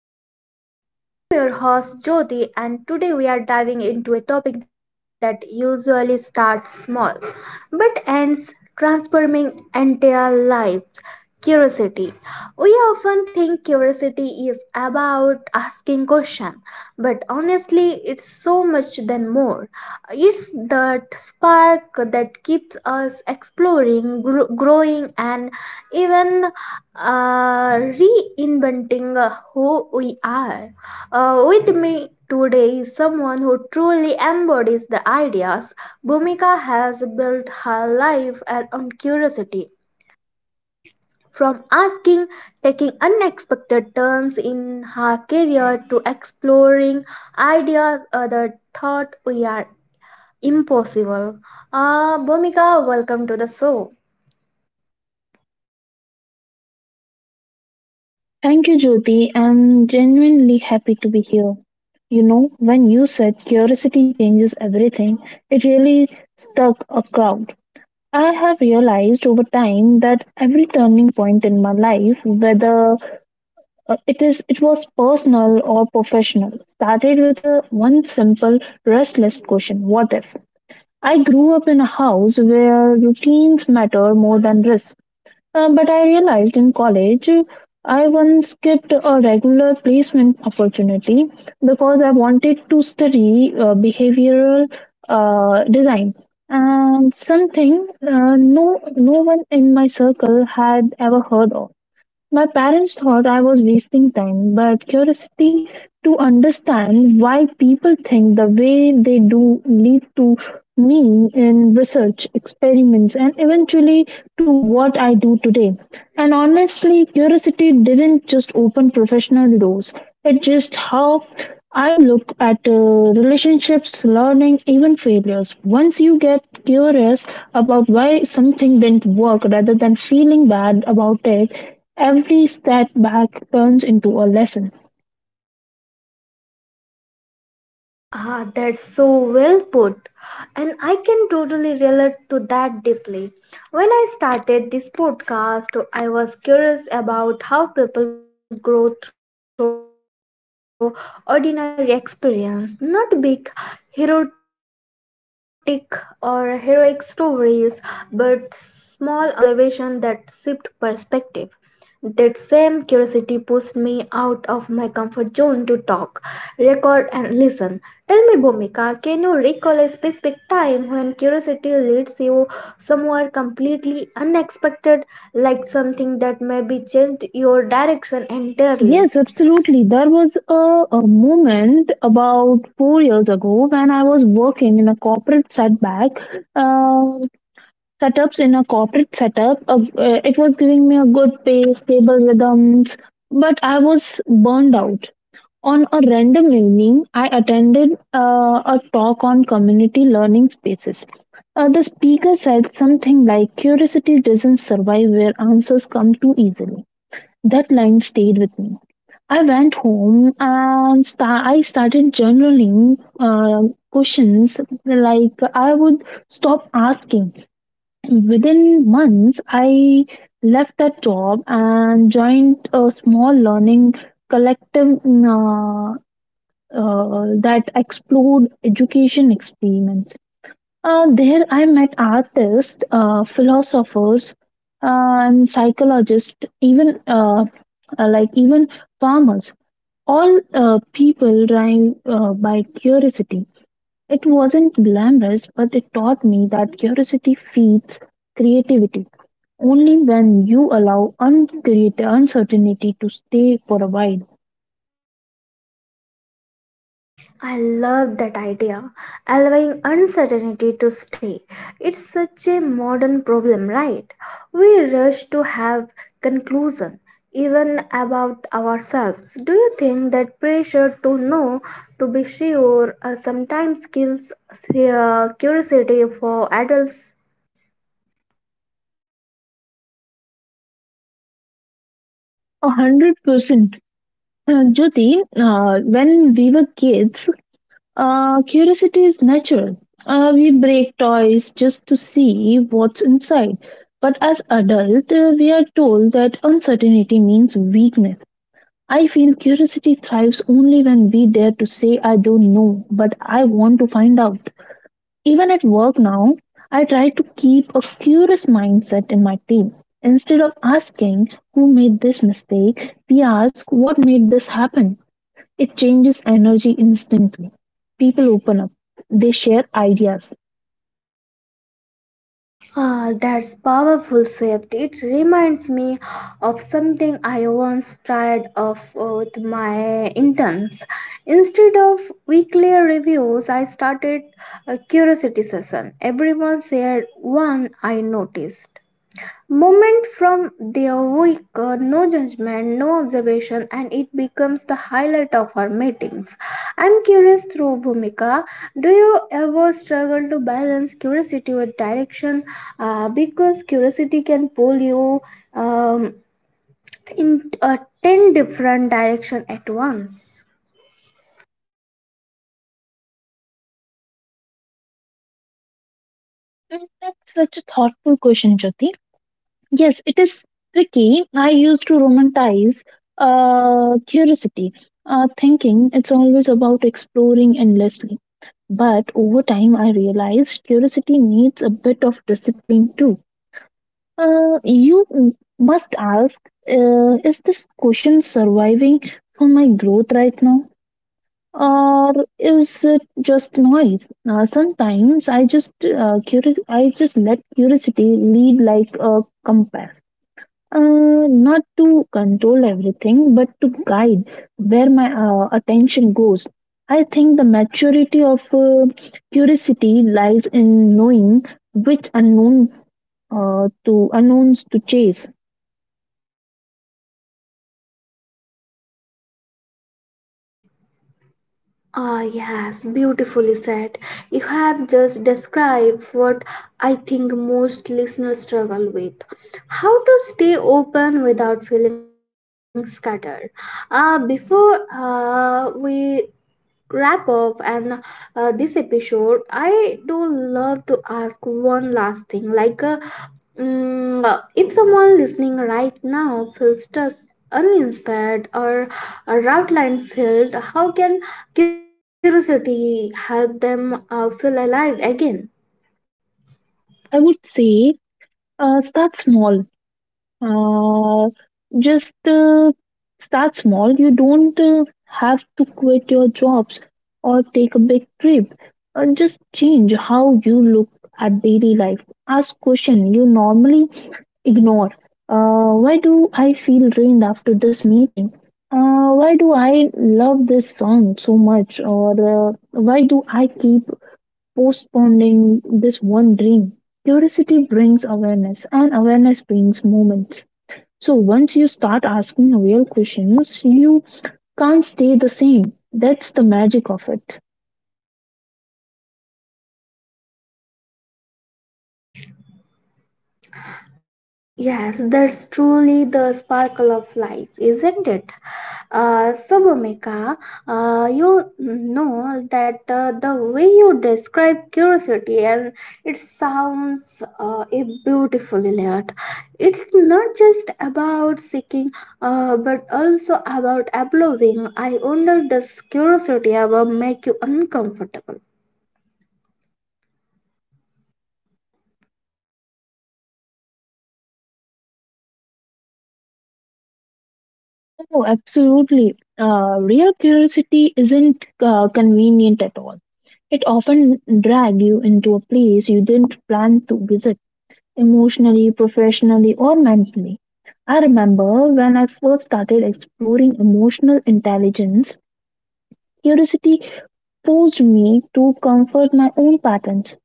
Life. I am your host Jyoti, and today we are diving into a topic that usually starts small but ends transforming entire lives. Curiosity. We often think curiosity is about asking questions, but honestly, it's so much than more. It's that spark that keeps us exploring, growing, and even reinventing who we are. With me today is someone who truly embodies the ideas. Bhumika has built her life around curiosity. From asking, taking unexpected turns in her career to exploring ideas others thought we are impossible. Bhumika, welcome to the show. Thank you, Jyoti. I'm genuinely happy to be here. You know, when you said curiosity changes everything, it really stuck a crowd. I have realized over time that every turning point in my life, whether it was personal or professional, started with a one simple restless question: What if? I grew up in a house where routines matter more than risk. But I realized in college I once skipped a regular placement opportunity because I wanted to study behavioral design. And something no one in my circle had ever heard of. My parents thought I was wasting time, but curiosity to understand why people think the way they do lead to me in research, experiments, and eventually to what I do today. And honestly, curiosity didn't just open professional doors, it just how I look at relationships, learning, even failures. Once you get curious about why something didn't work rather than feeling bad about it, every setback turns into a lesson. Ah, that's so well put. And I can totally relate to that deeply. When I started this podcast, I was curious about how people grow through ordinary experience, not big heroic or heroic stories, but small observations that shift perspective. That same curiosity pushed me out of my comfort zone to talk, record, and listen. Tell me, Bhumika, can you recall a specific time when curiosity leads you somewhere completely unexpected, like something that maybe changed your direction entirely? Yes, absolutely. There was a moment about 4 years ago when I was working in a corporate setback, uh, setups in a corporate setup. It was giving me a good pay, stable rhythms, but I was burned out. On a random evening, I attended a talk on community learning spaces. The speaker said something like, "Curiosity doesn't survive where answers come too easily." That line stayed with me. I went home and I started journaling questions like I would stop asking. Within months, I left that job and joined a small learning collective uh, that explored education experiments. There, I met artists, philosophers, and psychologists, even like even farmers. All people drive by curiosity. It wasn't glamorous, but it taught me that curiosity feeds creativity. Only when you allow uncreated uncertainty to stay for a while. I love that idea, allowing uncertainty to stay. It's such a modern problem, right? We rush to have conclusion even about ourselves. Do you think that pressure to know, to be sure, sometimes kills curiosity for adults? 100%. Jyoti, when we were kids, curiosity is natural. We break toys just to see what's inside. But as adult, we are told that uncertainty means weakness. I feel curiosity thrives only when we dare to say, "I don't know, but I want to find out." Even at work now, I try to keep a curious mindset in my team. Instead of asking who made this mistake, we ask what made this happen. It changes energy instantly. People open up, they share ideas. Ah, that's powerful safety. It reminds me of something I once tried of with my interns. Instead of weekly reviews, I started a curiosity session. Everyone shared one I noticed moment from their week, no judgment, no observation, and it becomes the highlight of our meetings. I'm curious through Bhumika. Do you ever struggle to balance curiosity with direction? Because curiosity can pull you um, in 10 different direction at once. Mm, that's such a thoughtful question, Jyoti. Yes, it is tricky. I used to romanticize curiosity, thinking it's always about exploring endlessly. But over time, I realized curiosity needs a bit of discipline too. You must ask, is this question surviving for my growth right now? Or is it just noise? Sometimes I just curious. I just let curiosity lead like a compass, not to control everything, but to guide where my attention goes. I think the maturity of curiosity lies in knowing which unknown to unknowns to chase. Ah, yes, beautifully said. You have just described what I think most listeners struggle with how to stay open without feeling scattered. Before we wrap up and this episode I do love to ask one last thing like if someone listening right now feels stuck uninspired or a route line filled how can curiosity help them feel alive again. I would say start small. Uh, just start small. You don't have to quit your jobs or take a big trip. Just change how you look at daily life. Ask question you normally ignore. Why do I feel drained after this meeting? Why do I love this song so much? Or why do I keep postponing this one dream? Curiosity brings awareness, and awareness brings moments. So once you start asking real questions, you can't stay the same. That's the magic of it. Yes, that's truly the sparkle of life, isn't it? So, Bhumika, you know that the way you describe curiosity and it sounds a beautifully layered. It's not just about seeking, but also about absorbing. I wonder does curiosity ever make you uncomfortable? Oh, absolutely. Real curiosity isn't convenient at all. It often drags you into a place you didn't plan to visit, emotionally, professionally, or mentally. I remember when I first started exploring emotional intelligence, curiosity forced me to comfort my own patterns.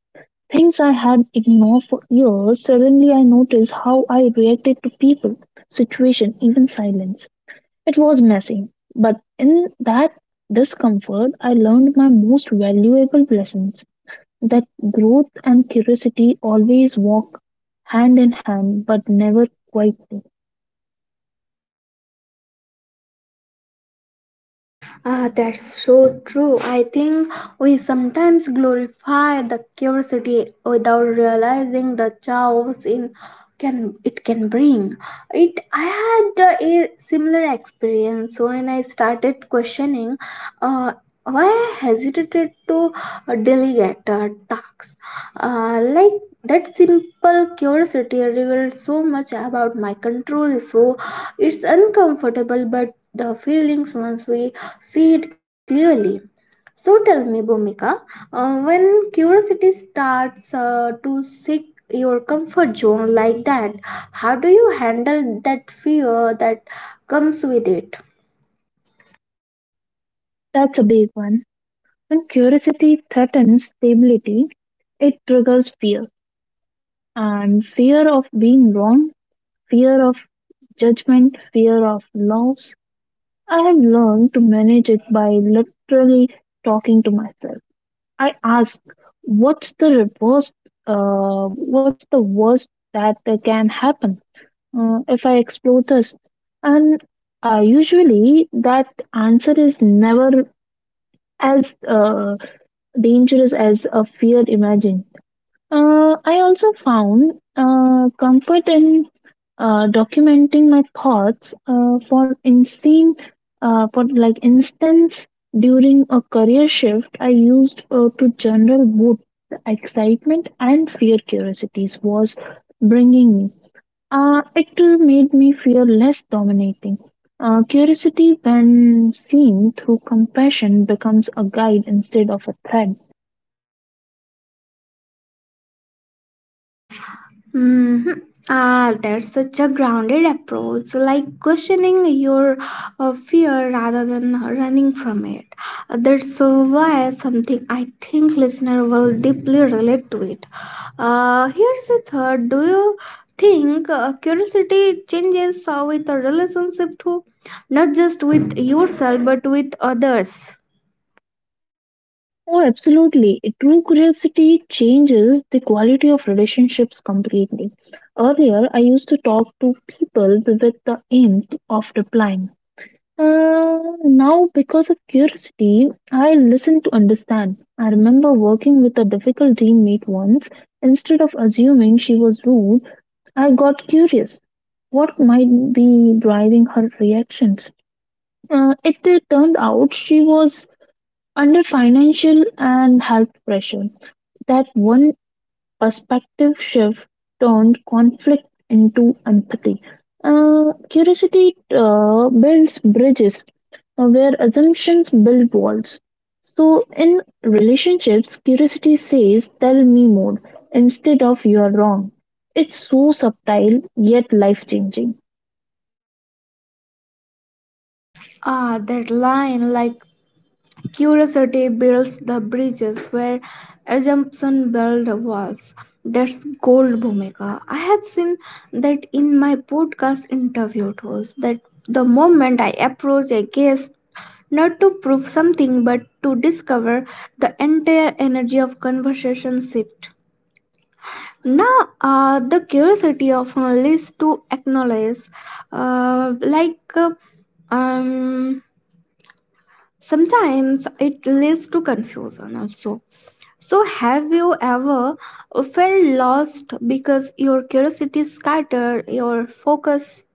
Things I had ignored for years, suddenly I noticed how I reacted to people, situation, even silence. It was messy, but in that discomfort, I learned my most valuable lessons that growth and curiosity always walk hand in hand, but never quietly. Ah, that's so true. I think we sometimes glorify the curiosity without realizing the chaos in can it can bring. It I had a similar experience when I started questioning uh, why I hesitated to delegate tasks. Like that simple curiosity revealed so much about my control. So it's uncomfortable, but the feelings once we see it clearly. So tell me, Bhumika, when curiosity starts to seek your comfort zone like that, how do you handle that fear that comes with it? That's a big one. When curiosity threatens stability, it triggers fear, and fear of being wrong, fear of judgment, fear of loss. I have learned to manage it by literally talking to myself. I ask, what's the worst? What's the worst that can happen if I explore this? And usually, that answer is never as dangerous as a fear imagined. I also found comfort in documenting my thoughts for insane for like instance during a career shift I used to journal both the excitement and fear curiosities was bringing me. It made me feel less dominating. Curiosity when seen through compassion becomes a guide instead of a threat. Hmm. Ah, that's such a grounded approach, like questioning your fear rather than running from it. That's why something I think listener will deeply relate to it. Here's the third. Do you think curiosity changes with a relationship too, not just with yourself but with others? Oh, absolutely. A true curiosity changes the quality of relationships completely. Earlier, I used to talk to people with the aim of replying. Uh, Now, because of curiosity, I listen to understand. I remember working with a difficult teammate once. Instead of assuming she was rude, I got curious. What might be driving her reactions? It turned out she was under financial and health pressure. That one perspective shift turned conflict into empathy. Curiosity builds bridges where assumptions build walls. So, in relationships, curiosity says, "Tell me more," instead of "you're wrong." It's so subtle yet life changing. Ah, that line like Curiosity builds the bridges where assumption builds the walls. That's gold, Bhumika. I have seen that in my podcast interview host that the moment I approach a guest, not to prove something but to discover the entire energy of conversation shift. Now, the curiosity often leads to acknowledge, uh, like uh, um, sometimes it leads to confusion also. So, have you ever felt lost because your curiosity scattered your focus?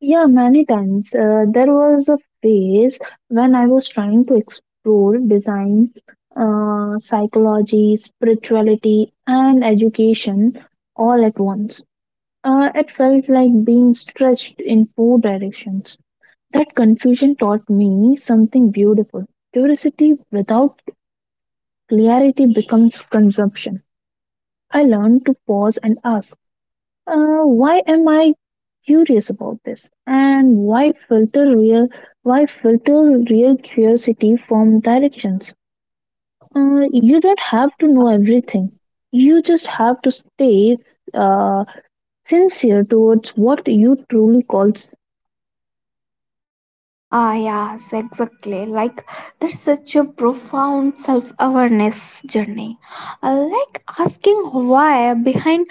Yeah, many times. There was a phase when I was trying to explore design, psychology, spirituality, and education all at once. It felt like being stretched in four directions. That confusion taught me something beautiful. Curiosity without clarity becomes consumption. I learned to pause and ask, why am I curious about this? And why filter real? Why filter real curiosity from directions? You don't have to know everything. You just have to stay uh, sincere towards what you truly call. Ah, yes, exactly. Like, that's such a profound self awareness journey. Like, asking why behind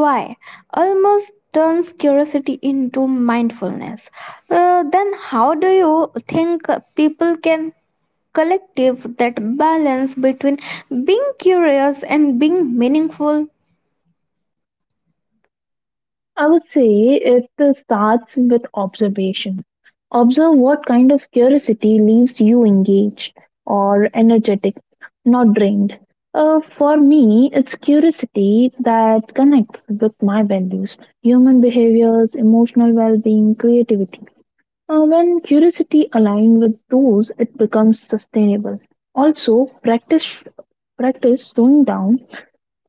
why almost turns curiosity into mindfulness. Then, how do you think people can collective that balance between being curious and being meaningful. I would say it starts with observation. Observe what kind of curiosity leaves you engaged or energetic, not drained. For me, it's curiosity that connects with my values, human behaviors, emotional well being, creativity. When curiosity aligns with those, it becomes sustainable. Also, practice slowing down.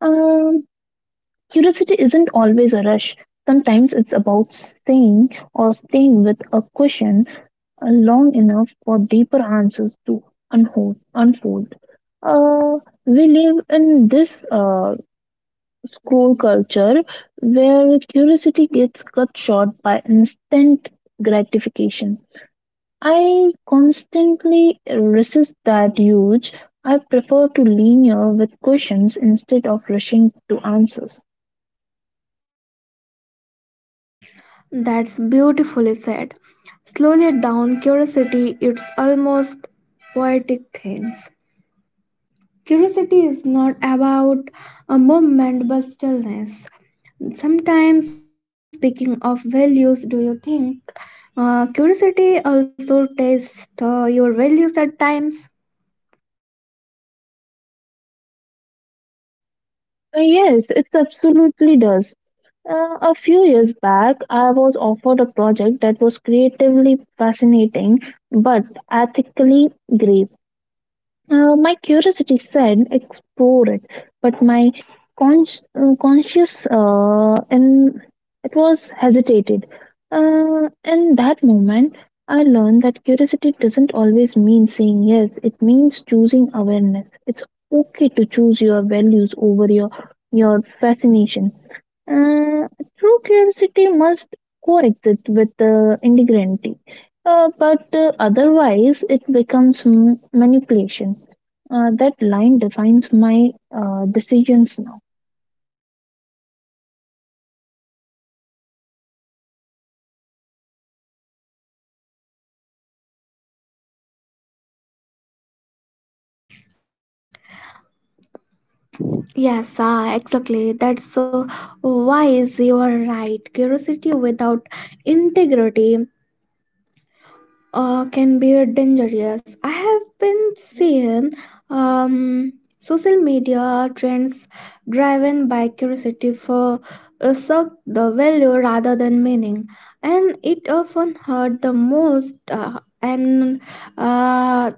Um, Curiosity isn't always a rush. Sometimes it's about staying with a question long enough for deeper answers to unfold. Uh, we live in this scroll culture where curiosity gets cut short by instant gratification. I constantly resist that urge. I prefer to linger with questions instead of rushing to answers. That's beautifully said. Slowly down curiosity, it's almost poetic things. Curiosity is not about a movement but stillness. Sometimes, speaking of values, do you think curiosity also tests your values at times? Yes, it absolutely does. A few years back, I was offered a project that was creatively fascinating but ethically grave. My curiosity said explore it, but my conscious and it was hesitated. In that moment, I learned that curiosity doesn't always mean saying yes. It means choosing awareness. It's okay to choose your values over your fascination. Uh, True curiosity must coexist with integrity, but otherwise it becomes manipulation. That line defines my decisions now. Yes, ah, exactly. That's so wise. You are right. Curiosity without integrity can be dangerous. I have been seeing um, social media trends driven by curiosity for suck the value rather than meaning, and it often hurt the most. And uh,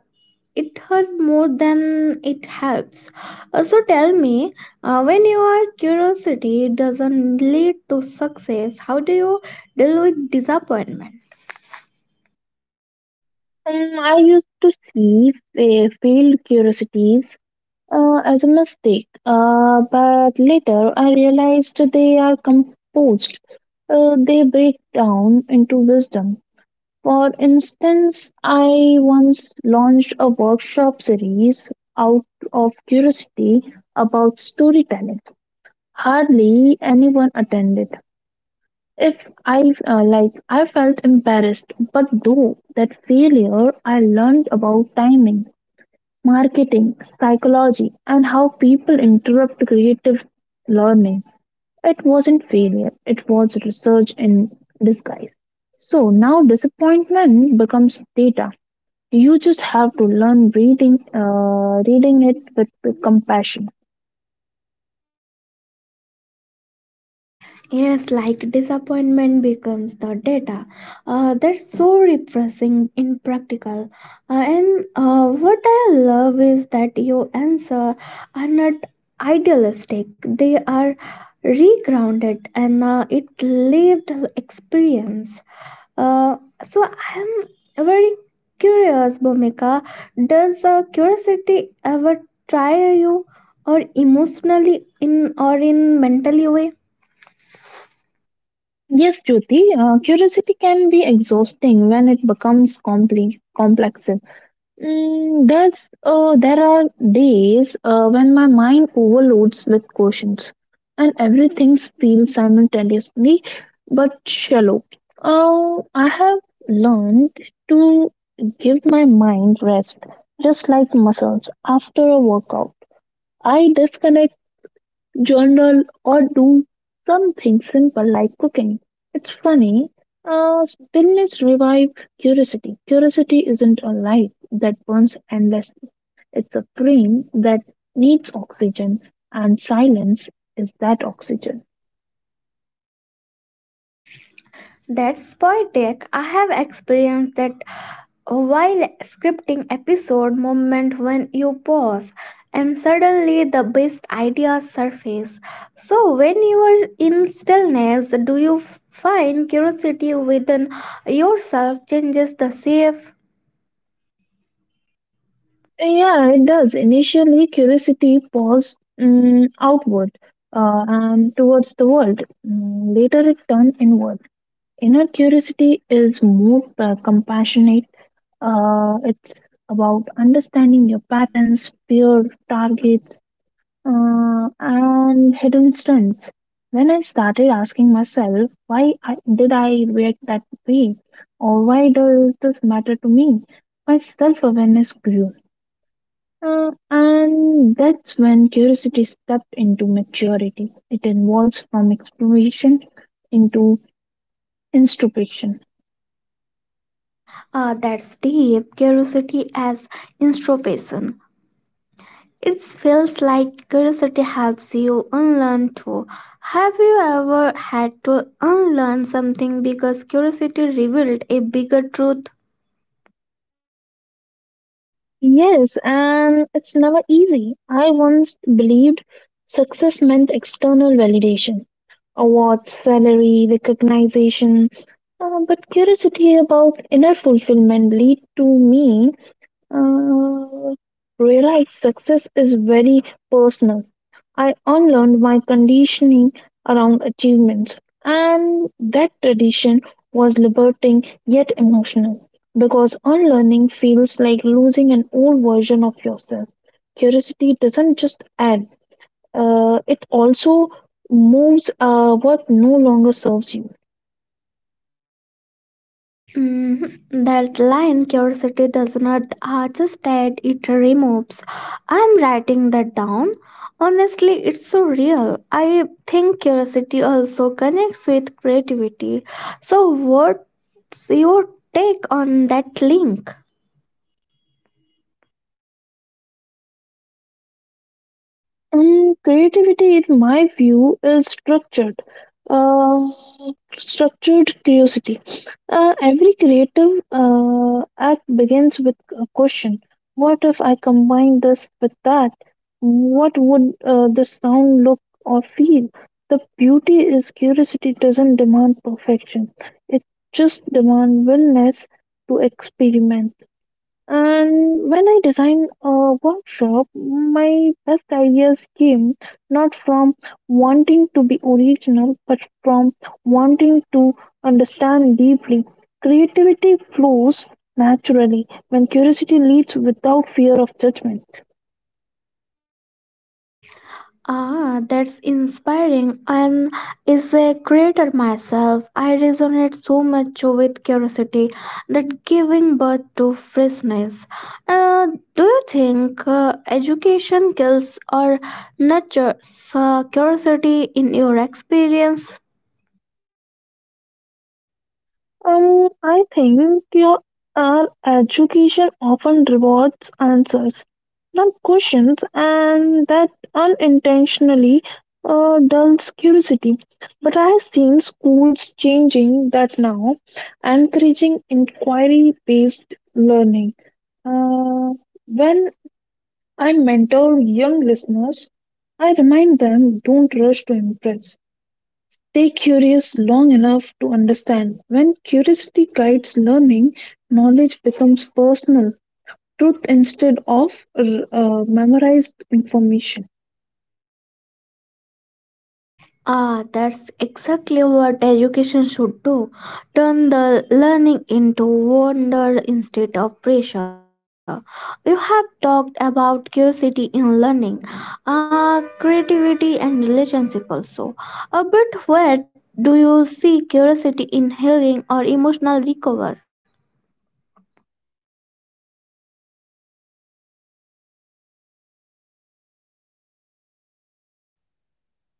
it hurts more than it helps. So tell me, when your curiosity doesn't lead to success, how do you deal with disappointment? I used to see failed curiosities as a mistake, but later I realized they are composed. They break down into wisdom. For instance, I once launched a workshop series out of curiosity about storytelling. Hardly anyone attended. If I like, I felt embarrassed, but through that failure, I learned about timing, marketing, psychology, and how people interrupt creative learning. It wasn't failure; it was research in disguise. So now disappointment becomes data. You just have to learn reading, reading it with compassion. Yes, like disappointment becomes the data. That's so refreshing in practical. And what I love is that your answer are not idealistic. They are regrounded and it lived experience. Uh, so I'm very curious, Bhumika. Does curiosity ever tire you, or emotionally in or in mentally way? Yes, Jyoti, curiosity can be exhausting when it becomes complex. Mm, there are days when my mind overloads with questions, and everything feels simultaneously but shallow. I have learned to give my mind rest, just like muscles after a workout. I disconnect, journal, or do something simple like cooking. It's funny, stillness revive curiosity. Curiosity isn't a light that burns endlessly. It's a flame that needs oxygen, and silence is that oxygen. That's poetic. I have experienced that while scripting episode moment when you pause and suddenly the best ideas surface so when you are in stillness do you find curiosity within yourself changes the shape. Yeah, it does. Initially, curiosity paused mm, outward and towards the world. Mm, later, it turned inward. Inner curiosity is more compassionate. It's about understanding your patterns, fear, targets, and hidden strengths. When I started asking myself, did I react that way? Or why does this matter to me? My self awareness grew. And that's when curiosity stepped into maturity. It evolves from exploration into introspection. Ah, that's deep. Curiosity as introspection. It feels like curiosity helps you unlearn too. Have you ever had to unlearn something because curiosity revealed a bigger truth? Yes, and it's never easy. I once believed success meant external validation, awards, salary, recognition, but curiosity about inner fulfillment lead to me uh, realize success is very personal. I unlearned my conditioning around achievements, and that tradition was liberating yet emotional because unlearning feels like losing an old version of yourself. Curiosity doesn't just add, it also moves what no longer serves you. Mhm. That line, curiosity does not just add; it removes. I'm writing that down. Honestly, it's so real. I think curiosity also connects with creativity. So, what's your take on that link? Mm, creativity, in my view, is structured. Uh, Structured curiosity. Every creative act begins with a question. What if I combine this with that? What would the sound look or feel? The beauty is curiosity doesn't demand perfection. It just demands willingness to experiment. And when I design a workshop, my best ideas came not from wanting to be original, but from wanting to understand deeply. Creativity flows naturally when curiosity leads without fear of judgment. Ah, that's inspiring and is a creator myself. I resonate so much with curiosity that giving birth to freshness. Uh, do you think education kills or nurtures curiosity in your experience? I think our education often rewards answers, not questions, and that unintentionally dulls curiosity. But I have seen schools changing that now, encouraging inquiry based learning. Uh, when I mentor young listeners, I remind them, don't rush to impress. Stay curious long enough to understand. When curiosity guides learning, knowledge becomes personal truth instead of memorized information. Ah, that's exactly what education should do. Turn the learning into wonder instead of pressure. You have talked about curiosity in learning, ah, creativity and relationship also. But where do you see curiosity in healing or emotional recovery?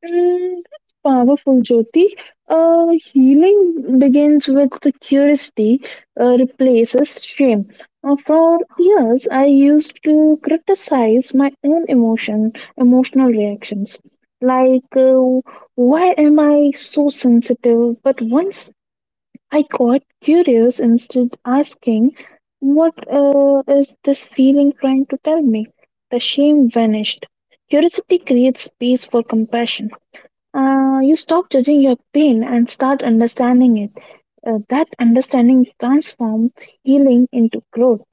Mm, that's powerful, Jyoti. Uh, Healing begins with the curiosity, replaces shame. For years, I used to criticize my own emotional reactions, like why am I so sensitive? But once I got curious instead asking, "What is this feeling trying to tell me?" The shame vanished. Curiosity creates space for compassion. You stop judging your pain and start understanding it. That understanding transforms healing into growth.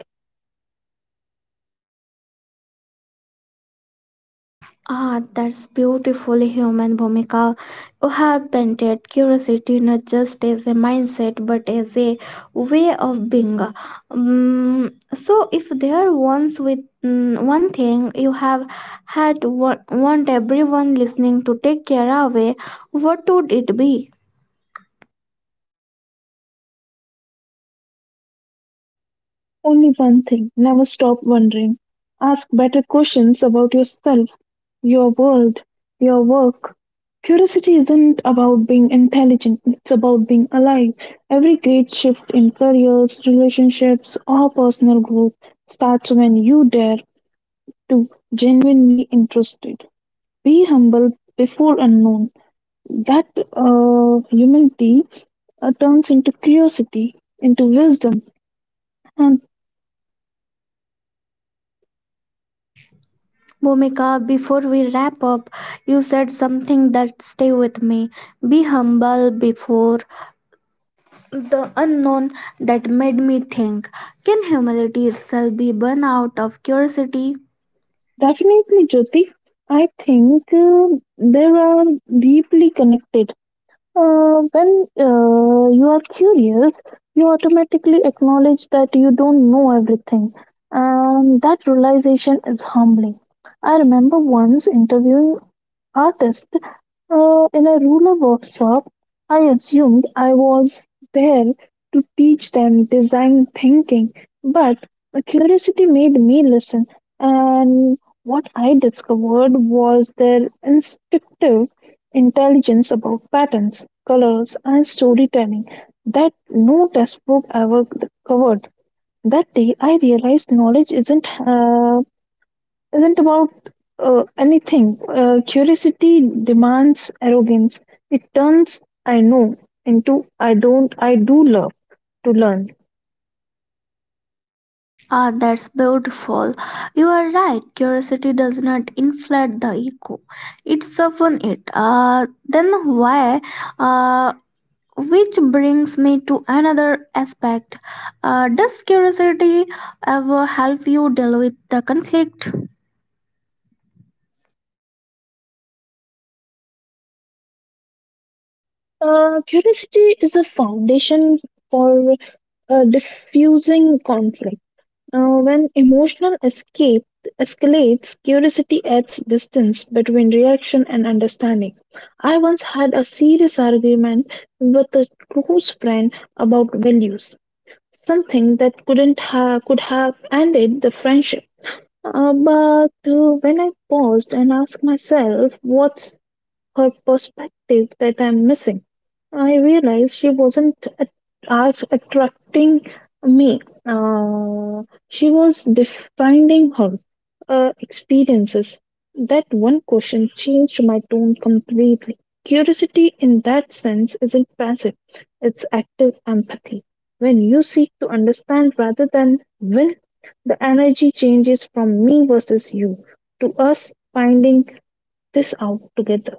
Ah, that's beautifully human, Bhumika. You have painted curiosity not just as a mindset but as a way of being. So, if there once with one thing you have had want everyone listening to take care away, what would it be? Only one thing: never stop wondering. Ask better questions about yourself, your world, your work. Curiosity isn't about being intelligent, it's about being alive. Every great shift in careers, relationships, or personal growth starts when you dare to genuinely interested. Be humble before unknown. That humility turns into curiosity, into wisdom, and Bhumika, before we wrap up, you said something that stay with me. Be humble before the unknown that made me think can humility itself be born out of curiosity. definitely, Jyoti. I think they are deeply connected. When you are curious, you automatically acknowledge that you don't know everything, and that realization is humbling. I remember once interviewing artists in a ruler workshop, I assumed I was there to teach them design thinking, but curiosity made me listen. And what I discovered was their instinctive intelligence about patterns, colors, and storytelling that no textbook ever covered. That day, I realized knowledge isn't about anything. Curiosity demands arrogance. It turns "I know" into "I don't, I do love to learn." Ah, that's beautiful. You are right, curiosity does not inflate the ego, it softens it. Then why uh, which brings me to another aspect, does curiosity ever help you deal with the conflict? Curiosity is a foundation for diffusing conflict. When emotional escape escalates, curiosity adds distance between reaction and understanding. I once had a serious argument with a close friend about values, something that couldn't have could have ended the friendship. But when I paused and asked myself, what's her perspective that I'm missing? I realized she wasn't as attracting me. She was defining her experiences. That one question changed my tone completely. Curiosity, in that sense, isn't passive, it's active empathy. When you seek to understand rather than win, the energy changes from me versus you to us finding this out together.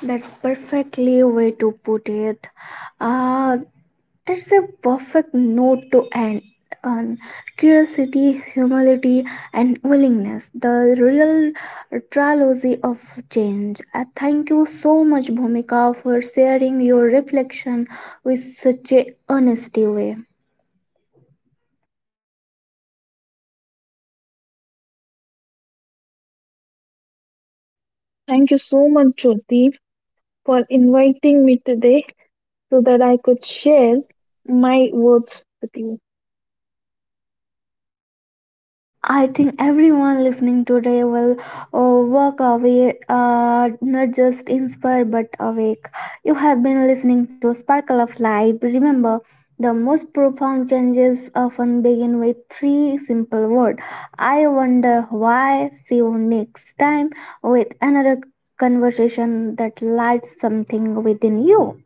That's perfectly way to put it. uh, That's a perfect note to end on curiosity, humility, and willingness, the real trilogy of change. Thank you so much, Bhumika, for sharing your reflection with such a honesty way. Thank you so much, Jyoti, for inviting me today so that I could share my words with you. I think everyone listening today will walk away not just inspired but awake. You have been listening to Sparkle of Life. Remember, the most profound changes often begin with three simple words. I wonder why. See you next time with another conversation that lights something within you.